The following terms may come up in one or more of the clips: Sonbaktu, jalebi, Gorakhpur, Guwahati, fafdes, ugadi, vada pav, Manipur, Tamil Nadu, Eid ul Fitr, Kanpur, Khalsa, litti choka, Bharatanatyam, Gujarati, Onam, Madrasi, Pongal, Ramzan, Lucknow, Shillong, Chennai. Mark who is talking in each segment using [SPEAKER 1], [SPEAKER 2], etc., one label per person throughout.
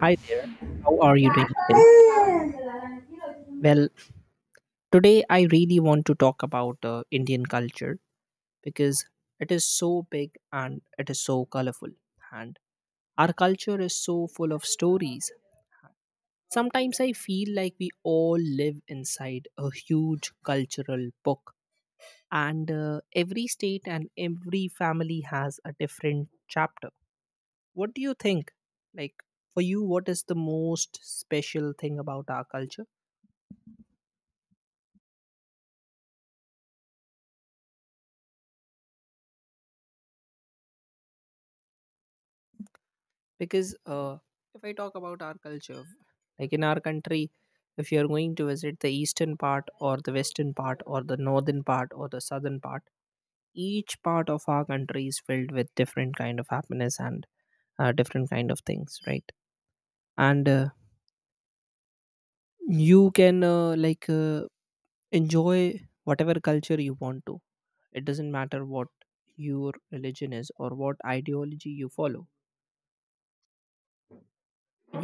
[SPEAKER 1] Hi there. How are you doing today? Well, today I really want to talk about Indian culture because it is so big and it is so colorful. And our culture is so full of stories. Sometimes I feel like we all live inside a huge cultural book, and every state and every family has a different chapter. What do you think? Like, for you, what is the most special thing about our culture? Because if I talk about our culture, like in our country, if you are going to visit the eastern part or the western part or the northern part or the southern part, each part of our country is filled with different kind of happiness and different kind of things, right? And you can enjoy whatever culture you want to. It doesn't matter what your religion is or what ideology you follow.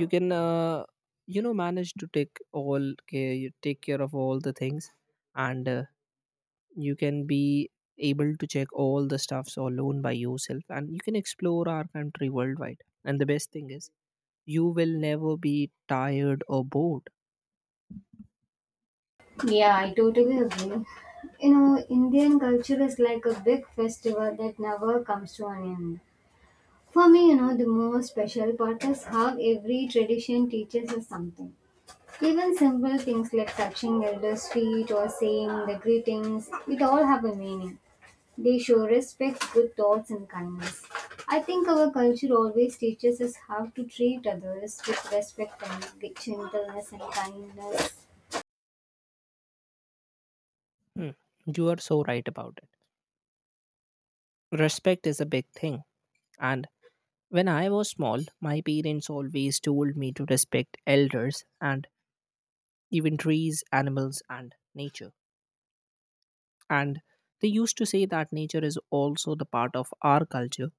[SPEAKER 1] You can manage to take all care, you take care of all the things. And you can be able to check all the stuffs alone by yourself, and you can explore our country worldwide. And the best thing is you will never be tired or bored.
[SPEAKER 2] Yeah, I totally agree. You know, Indian culture is like a big festival that never comes to an end. For me, you know, the most special part is how every tradition teaches us something. Even simple things like touching elders' feet or saying the greetings, it all have a meaning. They show respect, good thoughts, and kindness. I think our culture always teaches us how to treat others with respect and with gentleness and kindness.
[SPEAKER 1] Hmm, you are so right about it. Respect is a big thing, and when I was small my parents always told me to respect elders, and even trees, animals, and nature. And they used to say that nature is also the part of our culture.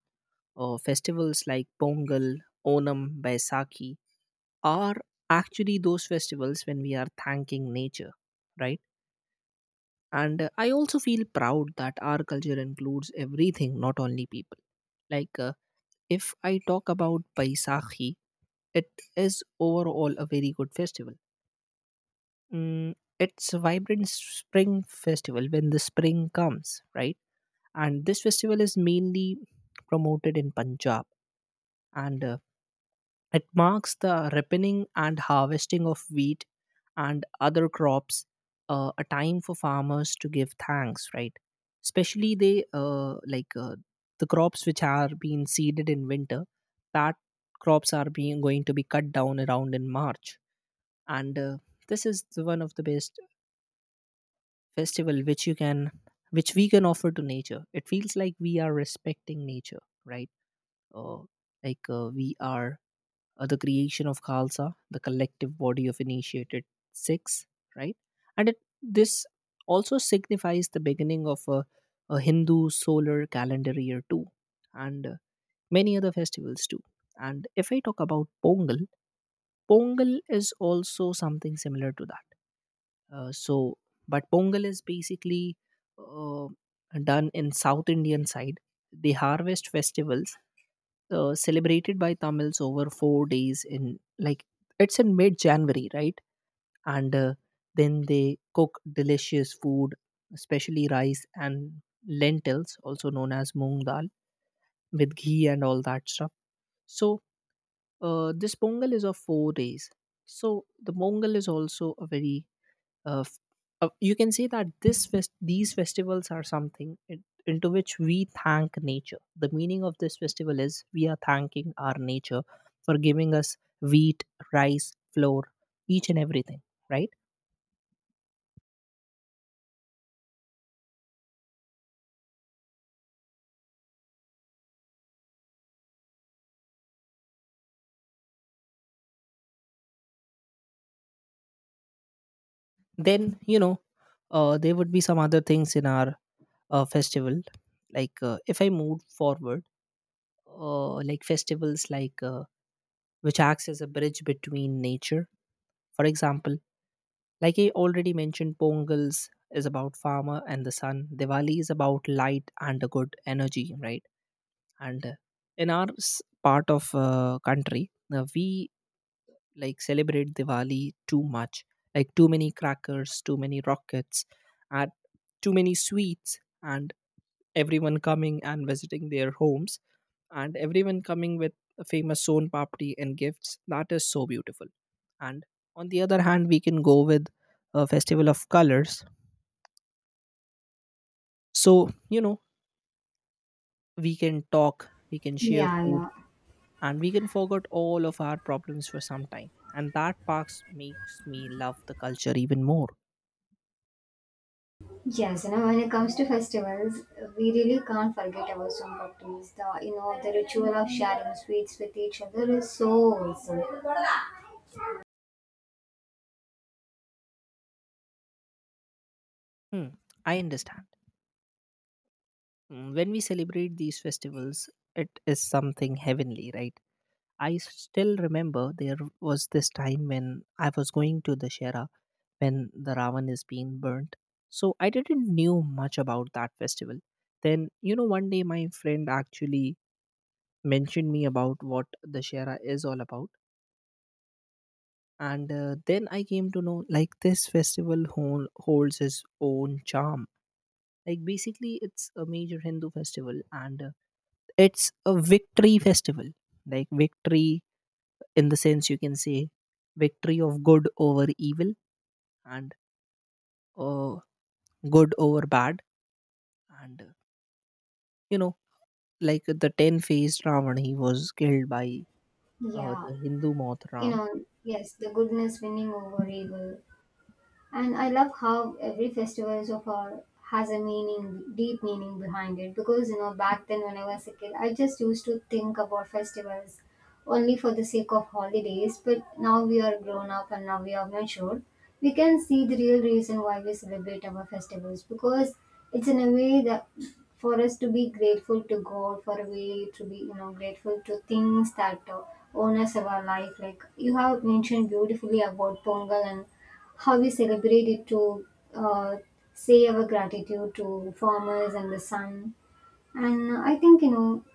[SPEAKER 1] Festivals like Pongal, Onam, Baisakhi are actually those festivals when we are thanking nature, right? And I also feel proud that our culture includes everything, not only people. Like, if I talk about Baisakhi, it is overall a very good festival. It's a vibrant spring festival when the spring comes, right? And this festival is mainly promoted in Punjab, and it marks the ripening and harvesting of wheat and other crops, a time for farmers to give thanks, right? Especially the crops which are being seeded in winter, that crops are being going to be cut down around in March. And this is the one of the best festival which you can which we can offer to nature. It feels like we are respecting nature, right? Uh, like uh, we are the creation of Khalsa, the collective body of initiated Sikhs, right? And this also signifies the beginning of a Hindu solar calendar year too, and many other festivals too. And if I talk about Pongal, Pongal is also something similar to that. Uh, so, but Pongal is basically uh, done in South Indian side. They harvest festivals celebrated by Tamils over 4 days in it's in mid January, right? And then they cook delicious food, especially rice and lentils, also known as moong dal, with ghee and all that stuff. So this Pongal is of 4 days. So the pongal is also a very uh, f- you can say that these festivals are something into which we thank nature. The meaning of this festival is we are thanking our nature for giving us wheat, rice, flour, each and everything, right? Then there would be some other things in our festival. Like, if I move forward, like festivals which acts as a bridge between nature, for example. Like I already mentioned, Pongals is about farmer and the sun. Diwali is about light and a good energy, right? And in our part of country, we like celebrate Diwali too much, like too many crackers, too many rockets, and too many sweets, and everyone coming and visiting their homes, and everyone coming with a famous son papdi and gifts. That is so beautiful. And on the other hand, we can go with a festival of colors. So, we can talk, we can share
[SPEAKER 2] Yeah,
[SPEAKER 1] food,
[SPEAKER 2] yeah.
[SPEAKER 1] and we can forget all of our problems for some time. And that parks makes me love the culture even more.
[SPEAKER 2] Yes, you know, when it comes to festivals, we really can't forget about Sonbaktu's. The the ritual of sharing sweets with each other is so wholesome.
[SPEAKER 1] Hmm, I understand. When we celebrate these festivals, it is something heavenly, right? I still remember there was this time when I was going to the Shera when the Ravan is being burnt. So I didn't knew much about that festival. Then, one day my friend actually mentioned me about what Dashera is all about. And then I came to know like this festival holds its own charm. Like basically, it's a major Hindu festival, and it's a victory festival. Like victory, in the sense you can say, victory of good over evil, and uh, good over bad. And you know, like the 10 faced Ravan, he was killed by
[SPEAKER 2] Yeah,
[SPEAKER 1] the Hindu moth
[SPEAKER 2] you
[SPEAKER 1] Ram.
[SPEAKER 2] know, yes, the goodness winning over evil. And I love how every festival so far has a meaning, deep meaning behind it. Because you know, back then when I was a kid, I just used to think about festivals only for the sake of holidays. But now we are grown up and now we are mature. We can see the real reason why we celebrate our festivals because it's in a way that for us to be grateful to God, for a way to be, you know, grateful to things that own us our life. Like you have mentioned beautifully about Pongal and how we celebrate it to uh, say our gratitude to farmers and the sun. And I think, you know,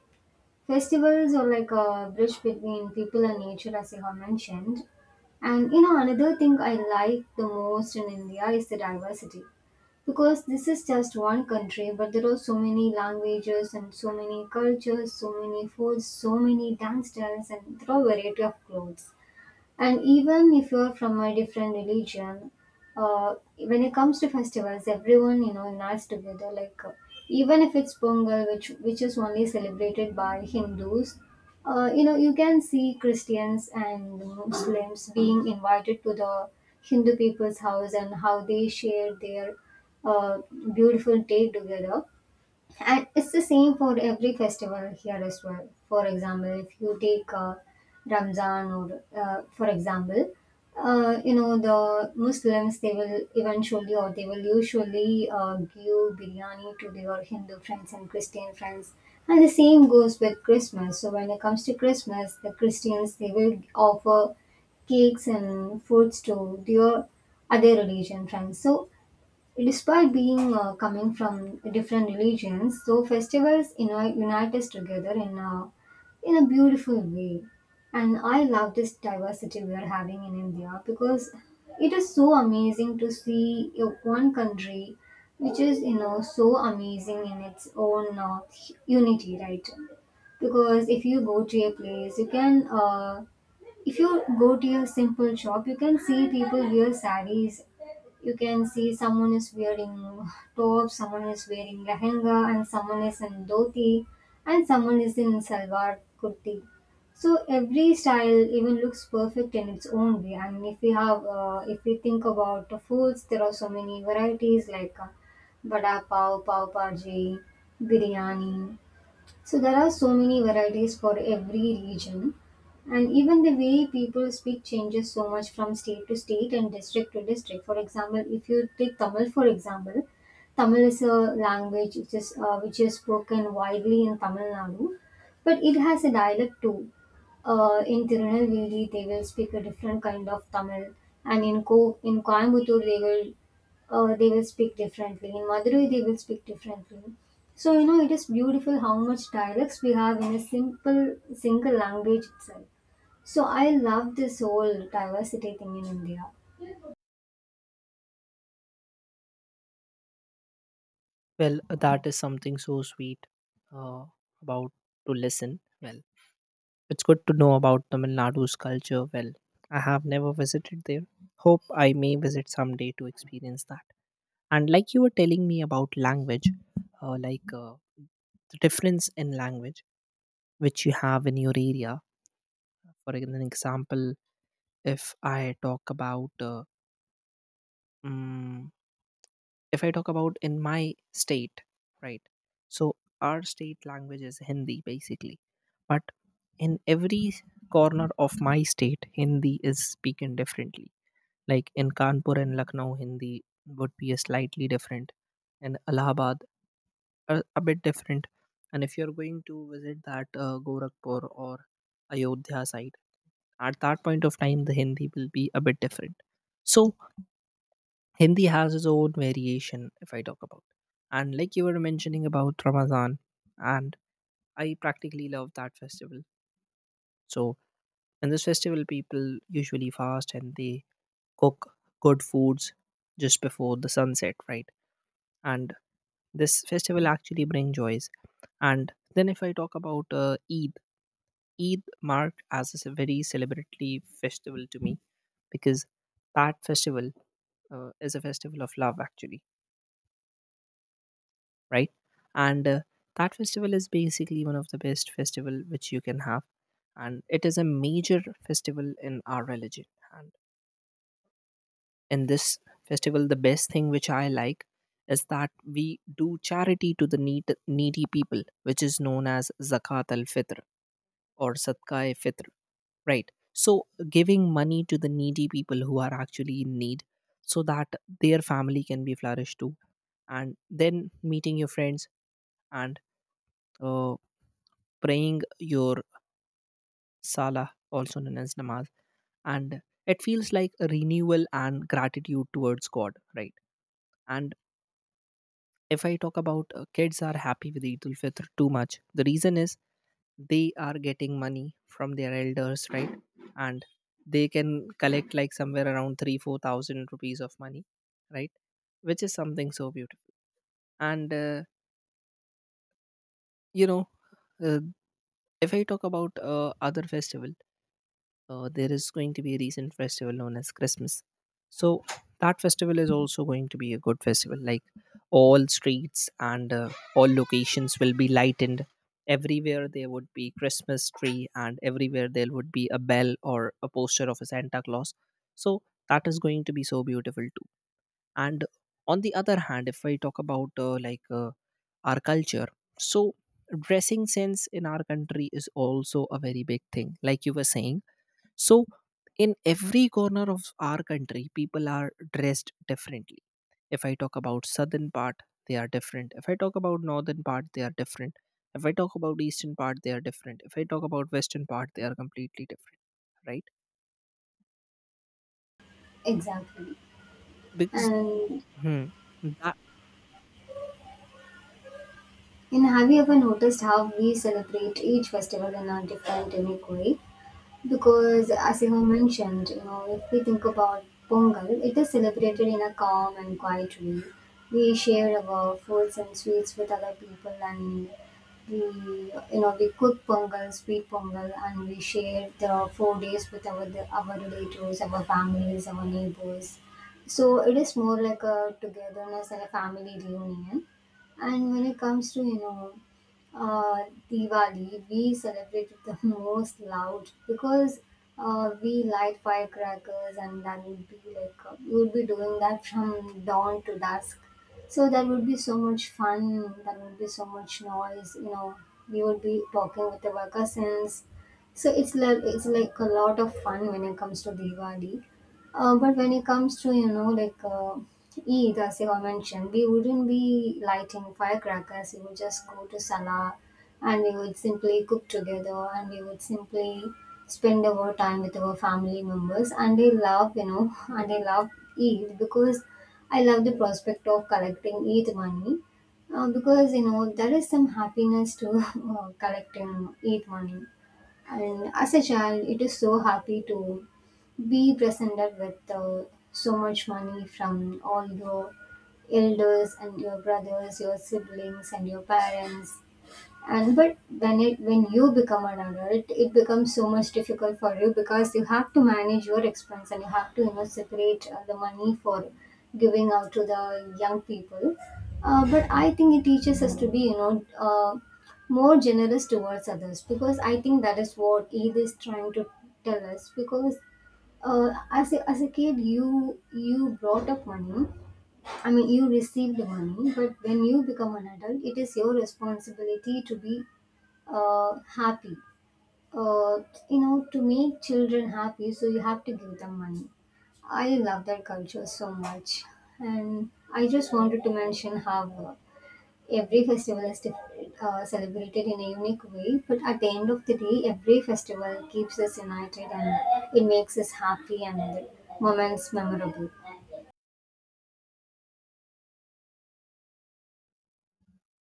[SPEAKER 2] festivals are like a bridge between people and nature, as you have mentioned. And, you know, another thing I like the most in India is the diversity. Because this is just one country, but there are so many languages and so many cultures, so many foods, so many dance styles, and there are variety of clothes. And even if you're from a different religion, when it comes to festivals, everyone you know unites together. Even if it's Pongal, which is only celebrated by Hindus, you know you can see Christians and Muslims being invited to the Hindu people's house and how they share their uh, beautiful day together. And it's the same for every festival here as well. For example, if you take Ramzan, or for example, you know the Muslims they will eventually or they will usually give biryani to their Hindu friends and Christian friends. And the same goes with Christmas. So when it comes to Christmas, the Christians they will offer cakes and foods to their other religion friends. So despite being coming from different religions, so festivals you know, unite us together in a beautiful way. And I love this diversity we are having in India because it is so amazing to see one country which is you know so amazing in its own unity, right? Because if you go to a place you can, if you go to your simple shop, you can see people wear saris. You can see someone is wearing top, someone is wearing lehenga, and someone is in dhoti, and someone is in salwar kurti. So every style even looks perfect in its own way. And if we have, if we think about the foods, there are so many varieties like vada pav, pav bhaji, biryani. So there are so many varieties for every region, and even the way people speak changes so much from state to state and district to district. For example, if you take Tamil, for example, Tamil is a language which is which is spoken widely in Tamil Nadu, but it has a dialect too. In Tirunelveli, they will speak a different kind of Tamil, and in Coimbatore, they will, they will speak differently. In Madurai, they will speak differently. So you know, it is beautiful how much dialects we have in a simple single language itself. So I love this whole diversity thing in India.
[SPEAKER 1] Well, that is something so sweet uh, about to listen. Well, it's good to know about Tamil Nadu's culture. Well, I have never visited there. Hope I may visit someday to experience that. And like you were telling me about language, uh, like uh, the difference in language which you have in your area. For an example, if I talk about mm, if I talk about in my state, right? So our state language is Hindi basically, but in every corner of my state, Hindi is spoken differently. Like in Kanpur and Lucknow, Hindi would be a slightly different, and Allahabad a bit different. And if you're going to visit that Gorakhpur or Ayodhya side, at that point of time the hindi will be a bit different. So hindi has its own variation, if I talk about. And like you were mentioning about Ramadan, and I practically love that festival. So in this festival people usually fast, and they cook good foods just before the sunset, right? And this festival actually brings joys. And then if I talk about Eid, Eid marked as a very celebratory festival to me, because that festival is a festival of love, actually, right? And that festival is basically one of the best festival which you can have, and it is a major festival in our religion. And in this festival the best thing which I like is that we do charity to the needy people, which is known as zakat al fitr or sadqa e fitr, right? So giving money to the needy people who are actually in need, so that their family can be flourished too. And then meeting your friends, and uh, praying your salah, also known as namaz. And it feels like a renewal and gratitude towards God, right? And if I talk about kids are happy with Eid ul Fitr too much, the reason is they are getting money from their elders, right? And they can collect like somewhere around three, 4,000 rupees of money, right? Which is something so beautiful. And you know, uh, if I talk about other festival, there is going to be a recent festival known as Christmas. So that festival is also going to be a good festival. Like all streets and all locations will be lightened. Everywhere there would be Christmas tree, and everywhere there would be a bell or a poster of a Santa Claus. So that is going to be so beautiful too. And on the other hand, if I talk about our culture, so dressing sense in our country is also a very big thing. Like you were saying, so in every corner of our country, people are dressed differently. If I talk about southern part, they are different. If I talk about northern part, they are different. If I talk about eastern part, they are different. If I talk about western part, they are completely different, right?
[SPEAKER 2] Exactly.
[SPEAKER 1] Because
[SPEAKER 2] And
[SPEAKER 1] hmm, that,
[SPEAKER 2] And have you ever noticed how we celebrate each festival in a different, unique way? Because, as you have mentioned, you know, if we think about Pongal, it is celebrated in a calm and quiet way. We share our foods and sweets with other people, and we, you know, we cook Pongal, sweet Pongal, and we share the 4 days with our relatives, our families, our neighbors. So it is more like a togetherness and a family reunion. And when it comes to you know uh, Diwali, we celebrated the most loud because we light firecrackers and that would be like, we would be doing that from dawn to dusk. So that would be so much fun, that would be so much noise, you know, we would be talking with our cousins. So it's like a lot of fun when it comes to Diwali. But when it comes to, you know, Eid, as you have mentioned, we wouldn't be lighting firecrackers. We would just go to Salah and we would simply cook together and we would simply spend our time with our family members. And they love, you know, and they love Eid because I love the prospect of collecting Eid money. Because, you know, there is some happiness to collecting Eid money. And as a child, it is so happy to be presented with so much money from all your elders and your brothers, your siblings, and your parents and but when it, when you become an adult, it becomes so much difficult for you because you have to manage your expense and you have to you know separate the money for giving out to the young people. But I think it teaches us to be, you know, more generous towards others because I think that is what Eid is trying to tell us because as a kid you brought up money, I mean, you received money, but when you become an adult, it is your responsibility to be uh, happy. Uh, you know, to make children happy, so you have to give them money. I love that culture so much, and I just wanted to mention how every festival is celebrated in a unique way. But at the end of the day, every festival keeps us united and it makes us happy and the moments memorable.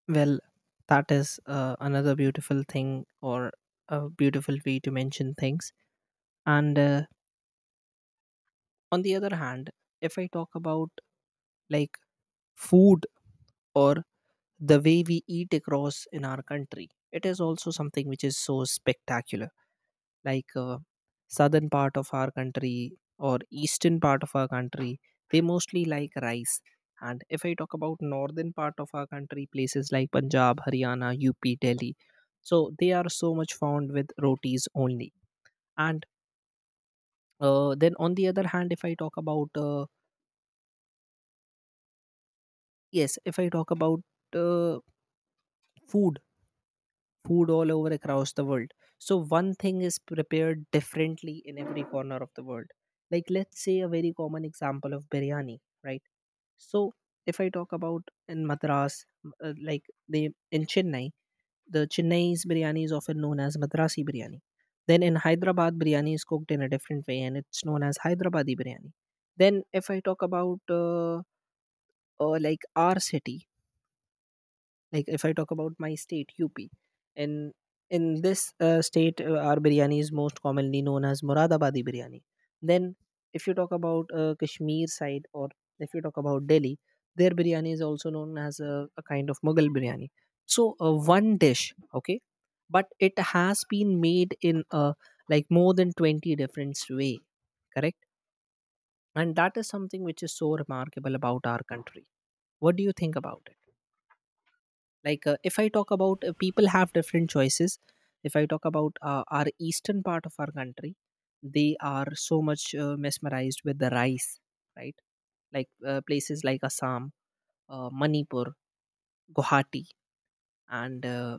[SPEAKER 1] well, that is another beautiful thing, or a beautiful way to mention things. And on the other hand, if I talk about like food or the way we eat across in our country, it is also something which is so spectacular. Like, southern part of our country or eastern part of our country, they mostly like rice. And if I talk about northern part of our country, places like Punjab, Haryana, UP, Delhi, so they are so much fond with rotis only. And then on the other hand if I talk about yes if I talk about food, food all over across the world. So one thing is prepared differently in every corner of the world. Like let's say a very common example of biryani, right? So if I talk about in Madras, m- like they in Chennai, the Chennai's biryani is often known as Madrasi biryani. Then in Hyderabad, biryani is cooked in a different way, and it's known as Hyderabadi biryani. Then if I talk about, like our city, like if I talk about my state, UP, and in this state, our biryani is most commonly known as Muradabadi biryani. Then if you talk about Kashmir side, or if you talk about Delhi, their biryani is also known as a kind of Mughal biryani. So one dish, okay, but it has been made in like more than 20 different way, correct, and that is something which is so remarkable about our country. What do you think about it? Like if I talk about people have different choices. If I talk about our eastern part of our country, they are so much mesmerized with the rice, right? Like places like Assam, Manipur, Guwahati, and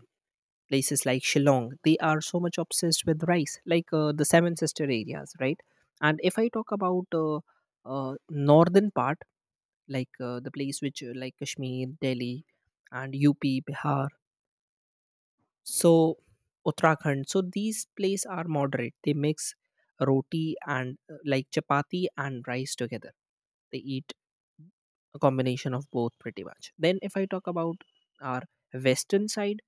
[SPEAKER 1] places like Shillong, they are so much obsessed with rice, like the seven sister areas, right? And if I talk about uh, northern part, like the place which like Kashmir, Delhi, and UP, Bihar, so Uttarakhand. So these plates are moderate. They mix roti and like chapati and rice together. They eat a combination of both, pretty much. Then if I talk about our western side,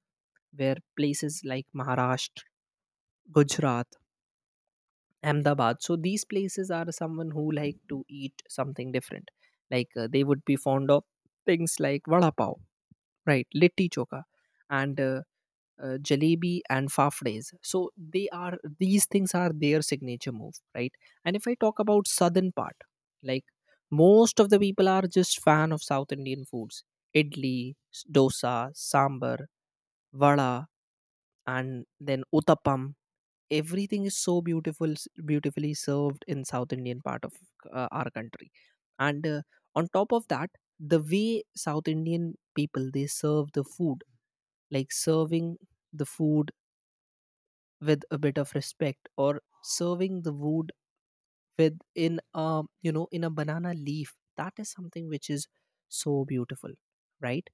[SPEAKER 1] where places like Maharashtra, Gujarat, Ahmedabad, so these places are someone who like to eat something different. Like they would be fond of things like vada pav, right, litti choka, and jalebi and fafdes, so they are, these things are their signature move, right? And if I talk about southern part, like, most of the people are just fan of South Indian foods: idli, dosa, sambar, vada, and then uttapam. Everything is so beautiful, beautifully served in South Indian part of our country. And on top of that, the way South Indian people they serve the food, like serving the food with a bit of respect, or serving the wood with, in a in a banana leaf, that is something which is so beautiful, right?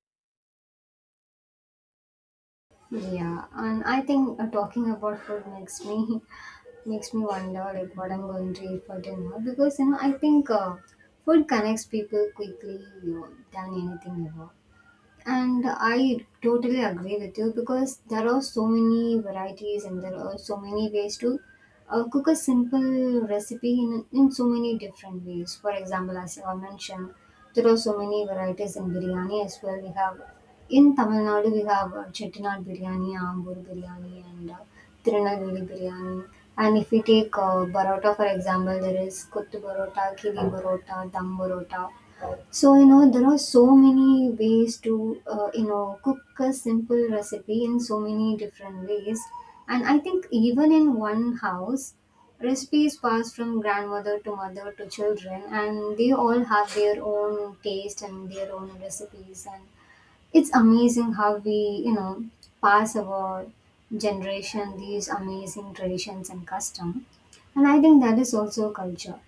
[SPEAKER 2] Yeah, and I think talking about food makes me makes me wonder like what I'm going to eat for dinner because you know I think, food connects people quickly you know, than anything ever. And I totally agree with you because there are so many varieties and there are so many ways to cook a simple recipe in so many different ways. For example, as I mentioned, there are so many varieties in biryani as well. We have in Tamil Nadu, we have Chettinad biryani, Ambur biryani, and Tirunelveli biryani. And if we take Barota, for example, there is Kuttu Barota, Kili Barota, Dam Barota. So, you know, there are so many ways to, you know, cook a simple recipe in so many different ways. And I think even in one house, recipes pass from grandmother to mother to children, and they all have their own taste and their own recipes. And it's amazing how we, you know, pass our generation these amazing traditions and custom. And I think that is also culture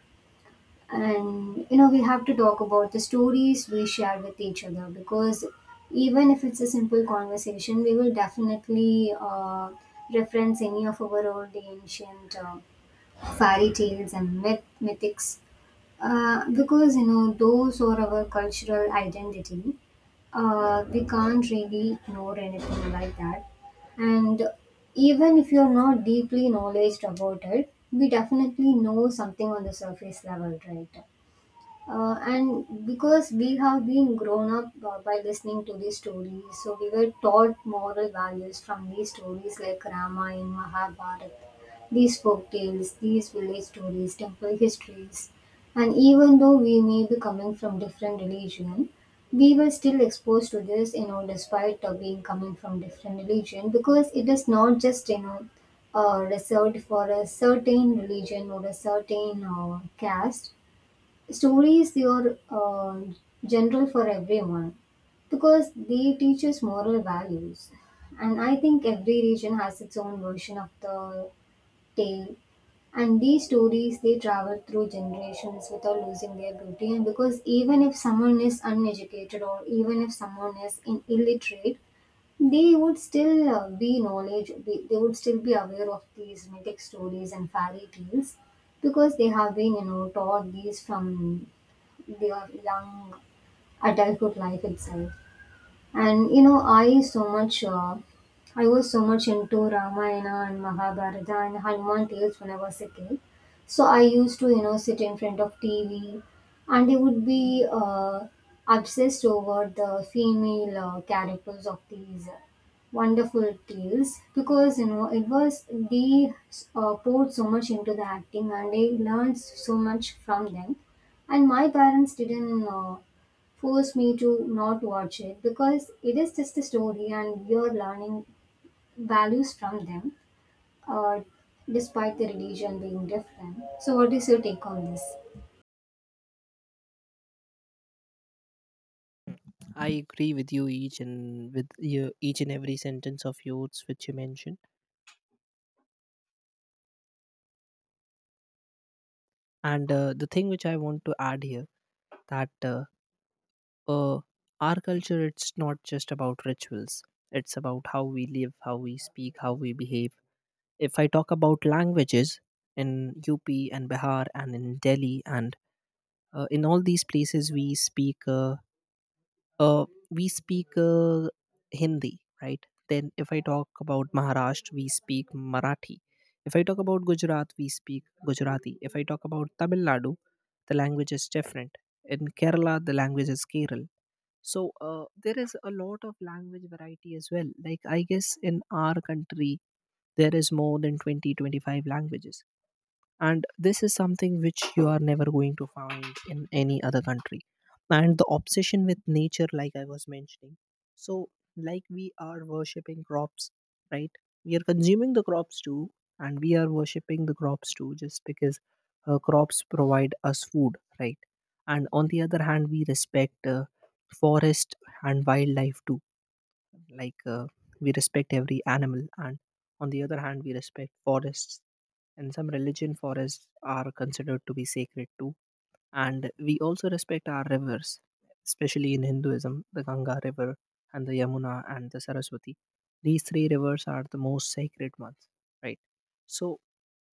[SPEAKER 2] and you know we have to talk about the stories we share with each other because even if it's a simple conversation we will definitely reference any of our old ancient fairy tales and mythics because you know those are our cultural identity. We can't really ignore anything like that. And even if you're not deeply knowledgeable about it we definitely know something on the surface level, right? And because we have been grown up by listening to these stories, so we were taught moral values from these stories like Ramayana, Mahabharata, these folk tales, these village stories, temple histories. And even though we may be coming from different religion, we were still exposed to this, you know, despite being coming from different religion, because it is not just, you know, reserved for a certain religion or a certain caste. Stories they are general for everyone because they teach us moral values. And I think every region has its own version of the tale. And these stories they travel through generations without losing their beauty. And because even if someone is uneducated or even if someone is in illiterate, they would still be knowledge. They would still be aware of these mythic stories and fairy tales because they have been you know taught these from their young adulthood life itself. And I was so much into Ramayana and Mahabharata and Hanuman tales when I was a kid. So I used to, sit in front of TV, and I would be obsessed over the female characters of these wonderful tales because it was they poured so much into the acting, and I learned so much from them. And my parents didn't. Forced me to not watch it because it is just a story and we are learning values from them, uh, despite the religion being different. So what is your take on this?
[SPEAKER 1] I agree with you, each and every sentence of yours which you mentioned. And the thing which I want to add here, that uh, our culture, it's not just about rituals. It's about how we live, how we speak, how we behave. If I talk about languages, in UP and Bihar and in Delhi, and in all these places uh, we speak Hindi, right? Then if I talk about Maharashtra, we speak Marathi. If I talk about Gujarat, we speak Gujarati. If I talk about Tamil Nadu, the language is different. In Kerala, the language is Keral. So there is a lot of language variety as well. Like I guess in our country there is more than 20-25 languages. And this is something which you are never going to find in any other country. And the obsession with nature, like I was mentioning, so like we are worshipping crops, right? We are consuming the crops too, and we are worshipping the crops too, just because crops provide us food, right? And on the other hand, we respect forest and wildlife too. Like we respect every animal, and on the other hand we respect forests, and some religion forests are considered to be sacred too. And we also respect our rivers, especially in Hinduism, the Ganga River and the Yamuna and the Saraswati. These three rivers are the most sacred ones, right? So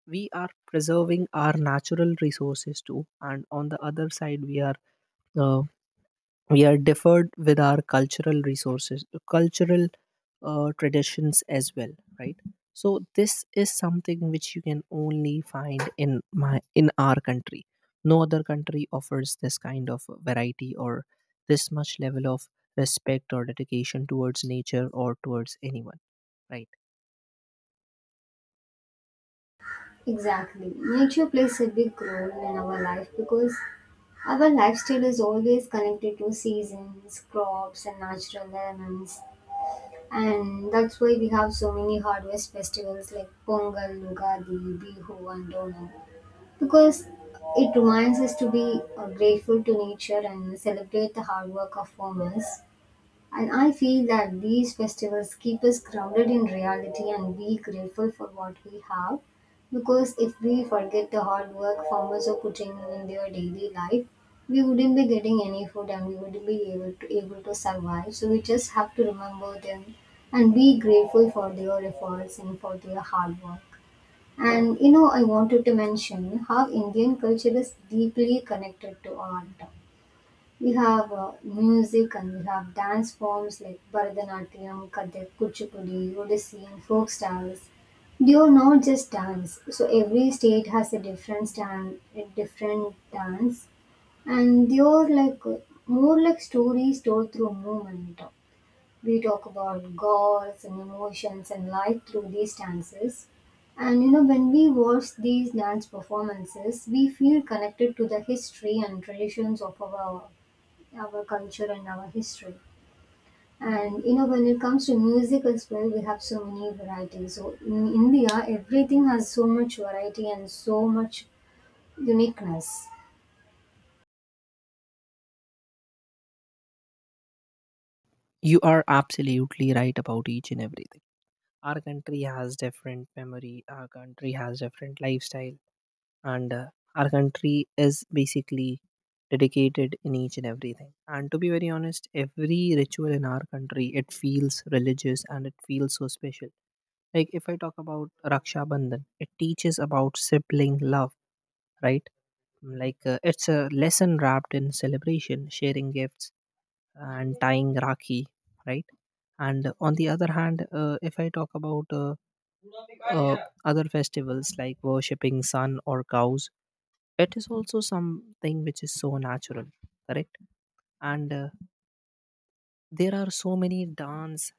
[SPEAKER 1] we are preserving our natural resources too, and on the other side, we are uh, deferred with our cultural resources, cultural traditions as well, right? So this is something which you can only find in our country. No other country offers this kind of variety or this much level of respect or dedication towards nature or towards anyone, right?
[SPEAKER 2] Exactly, nature plays a big role in our life because our lifestyle is always connected to seasons, crops and natural elements, and that's why we have so many harvest festivals like Pongal, Ugadi, Bihu and Onam. Because it reminds us to be grateful to nature and celebrate the hard work of farmers. And I feel that these festivals keep us grounded in reality and be grateful for what we have. Because if we forget the hard work farmers are putting in their daily life, we wouldn't be getting any food and we wouldn't be able to survive. So we just have to remember them and be grateful for their efforts and for their hard work. And I wanted to mention how Indian culture is deeply connected to art. We have music, and we have dance forms like Bharatanatyam, Kathak, Kuchipudi, Odissi, and folk styles. They are not just dance. So every state has a different dance, and they are like stories told through movement. We talk about goals and emotions and life through these dances. And when we watch these dance performances, we feel connected to the history and traditions of our culture and our history. And when it comes to music as well, we have so many varieties. So in India, everything has so much variety and so much uniqueness.
[SPEAKER 1] You are absolutely right about each and everything. Our country has different memory, our country has different lifestyle. And our country is basically dedicated in each and everything, and to be very honest, every ritual in our country, it feels religious and it feels so special. Like if I talk about Raksha Bandhan, it teaches about sibling love, right? Like it's a lesson wrapped in celebration, sharing gifts and tying rakhi, right? And on the other hand, if I talk about uh, other festivals like worshipping sun or cows, it is also something which is so natural, correct? And there are so many dance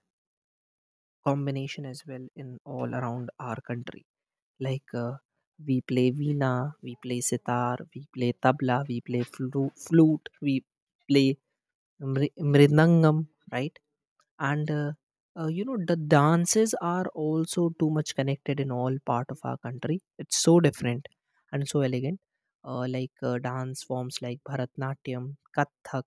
[SPEAKER 1] combination as well in all around our country. Like we play veena, we play sitar, we play tabla, we play flute, we play mridangam, right? And you know, the dances are also too much connected in all part of our country. It's so different and so elegant. Like dance forms like Bharatnatyam, Kathak,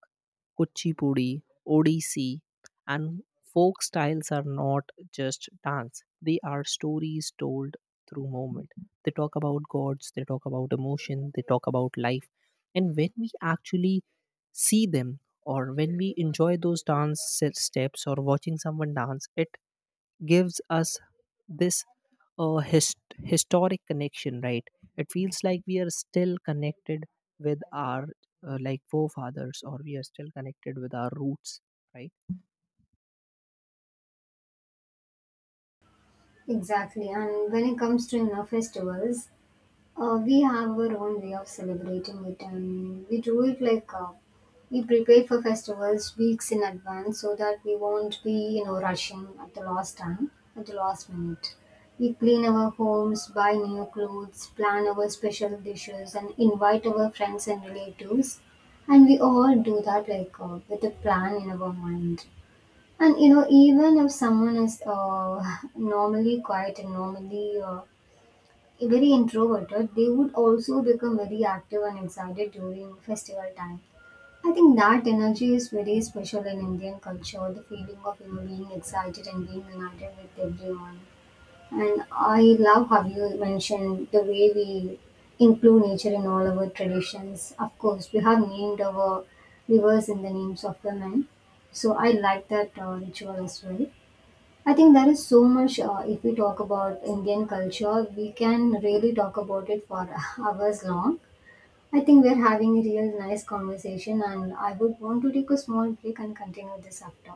[SPEAKER 1] Kuchipudi, Odissi, and folk styles are not just dance. They are stories told through movement. They talk about gods, they talk about emotion, they talk about life. And when we actually see them, or when we enjoy those dance steps, or watching someone dance, it gives us this uh, his- historic connection, right? It feels like we are still connected with our like forefathers, or we are still connected with our roots, right?
[SPEAKER 2] Exactly. And when it comes to, festivals, we have our own way of celebrating it, and we do it like we prepare for festivals weeks in advance so that we won't be, rushing at the last minute. We clean our homes, buy new clothes, plan our special dishes, and invite our friends and relatives. And we all do that like, with a plan in our mind. And even if someone is normally quiet and normally very introverted, they would also become very active and excited during festival time. I think that energy is very special in Indian culture, the feeling of, being excited and being united with everyone. And I love how you mentioned the way we include nature in all our traditions. Of course, we have named our rivers in the names of women, so I like that ritual as well. I think there is so much, if we talk about Indian culture, we can really talk about it for hours long. I think we're having a real nice conversation, and I would want to take a small break and continue this after.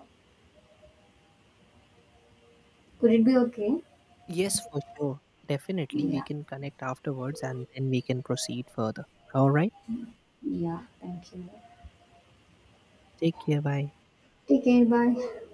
[SPEAKER 2] Could it be okay?
[SPEAKER 1] Yes, for sure. Definitely we
[SPEAKER 2] Yeah,
[SPEAKER 1] can connect afterwards and then we can proceed further. All right,
[SPEAKER 2] yeah, thank you.
[SPEAKER 1] take care, bye.
[SPEAKER 2] Take care, bye.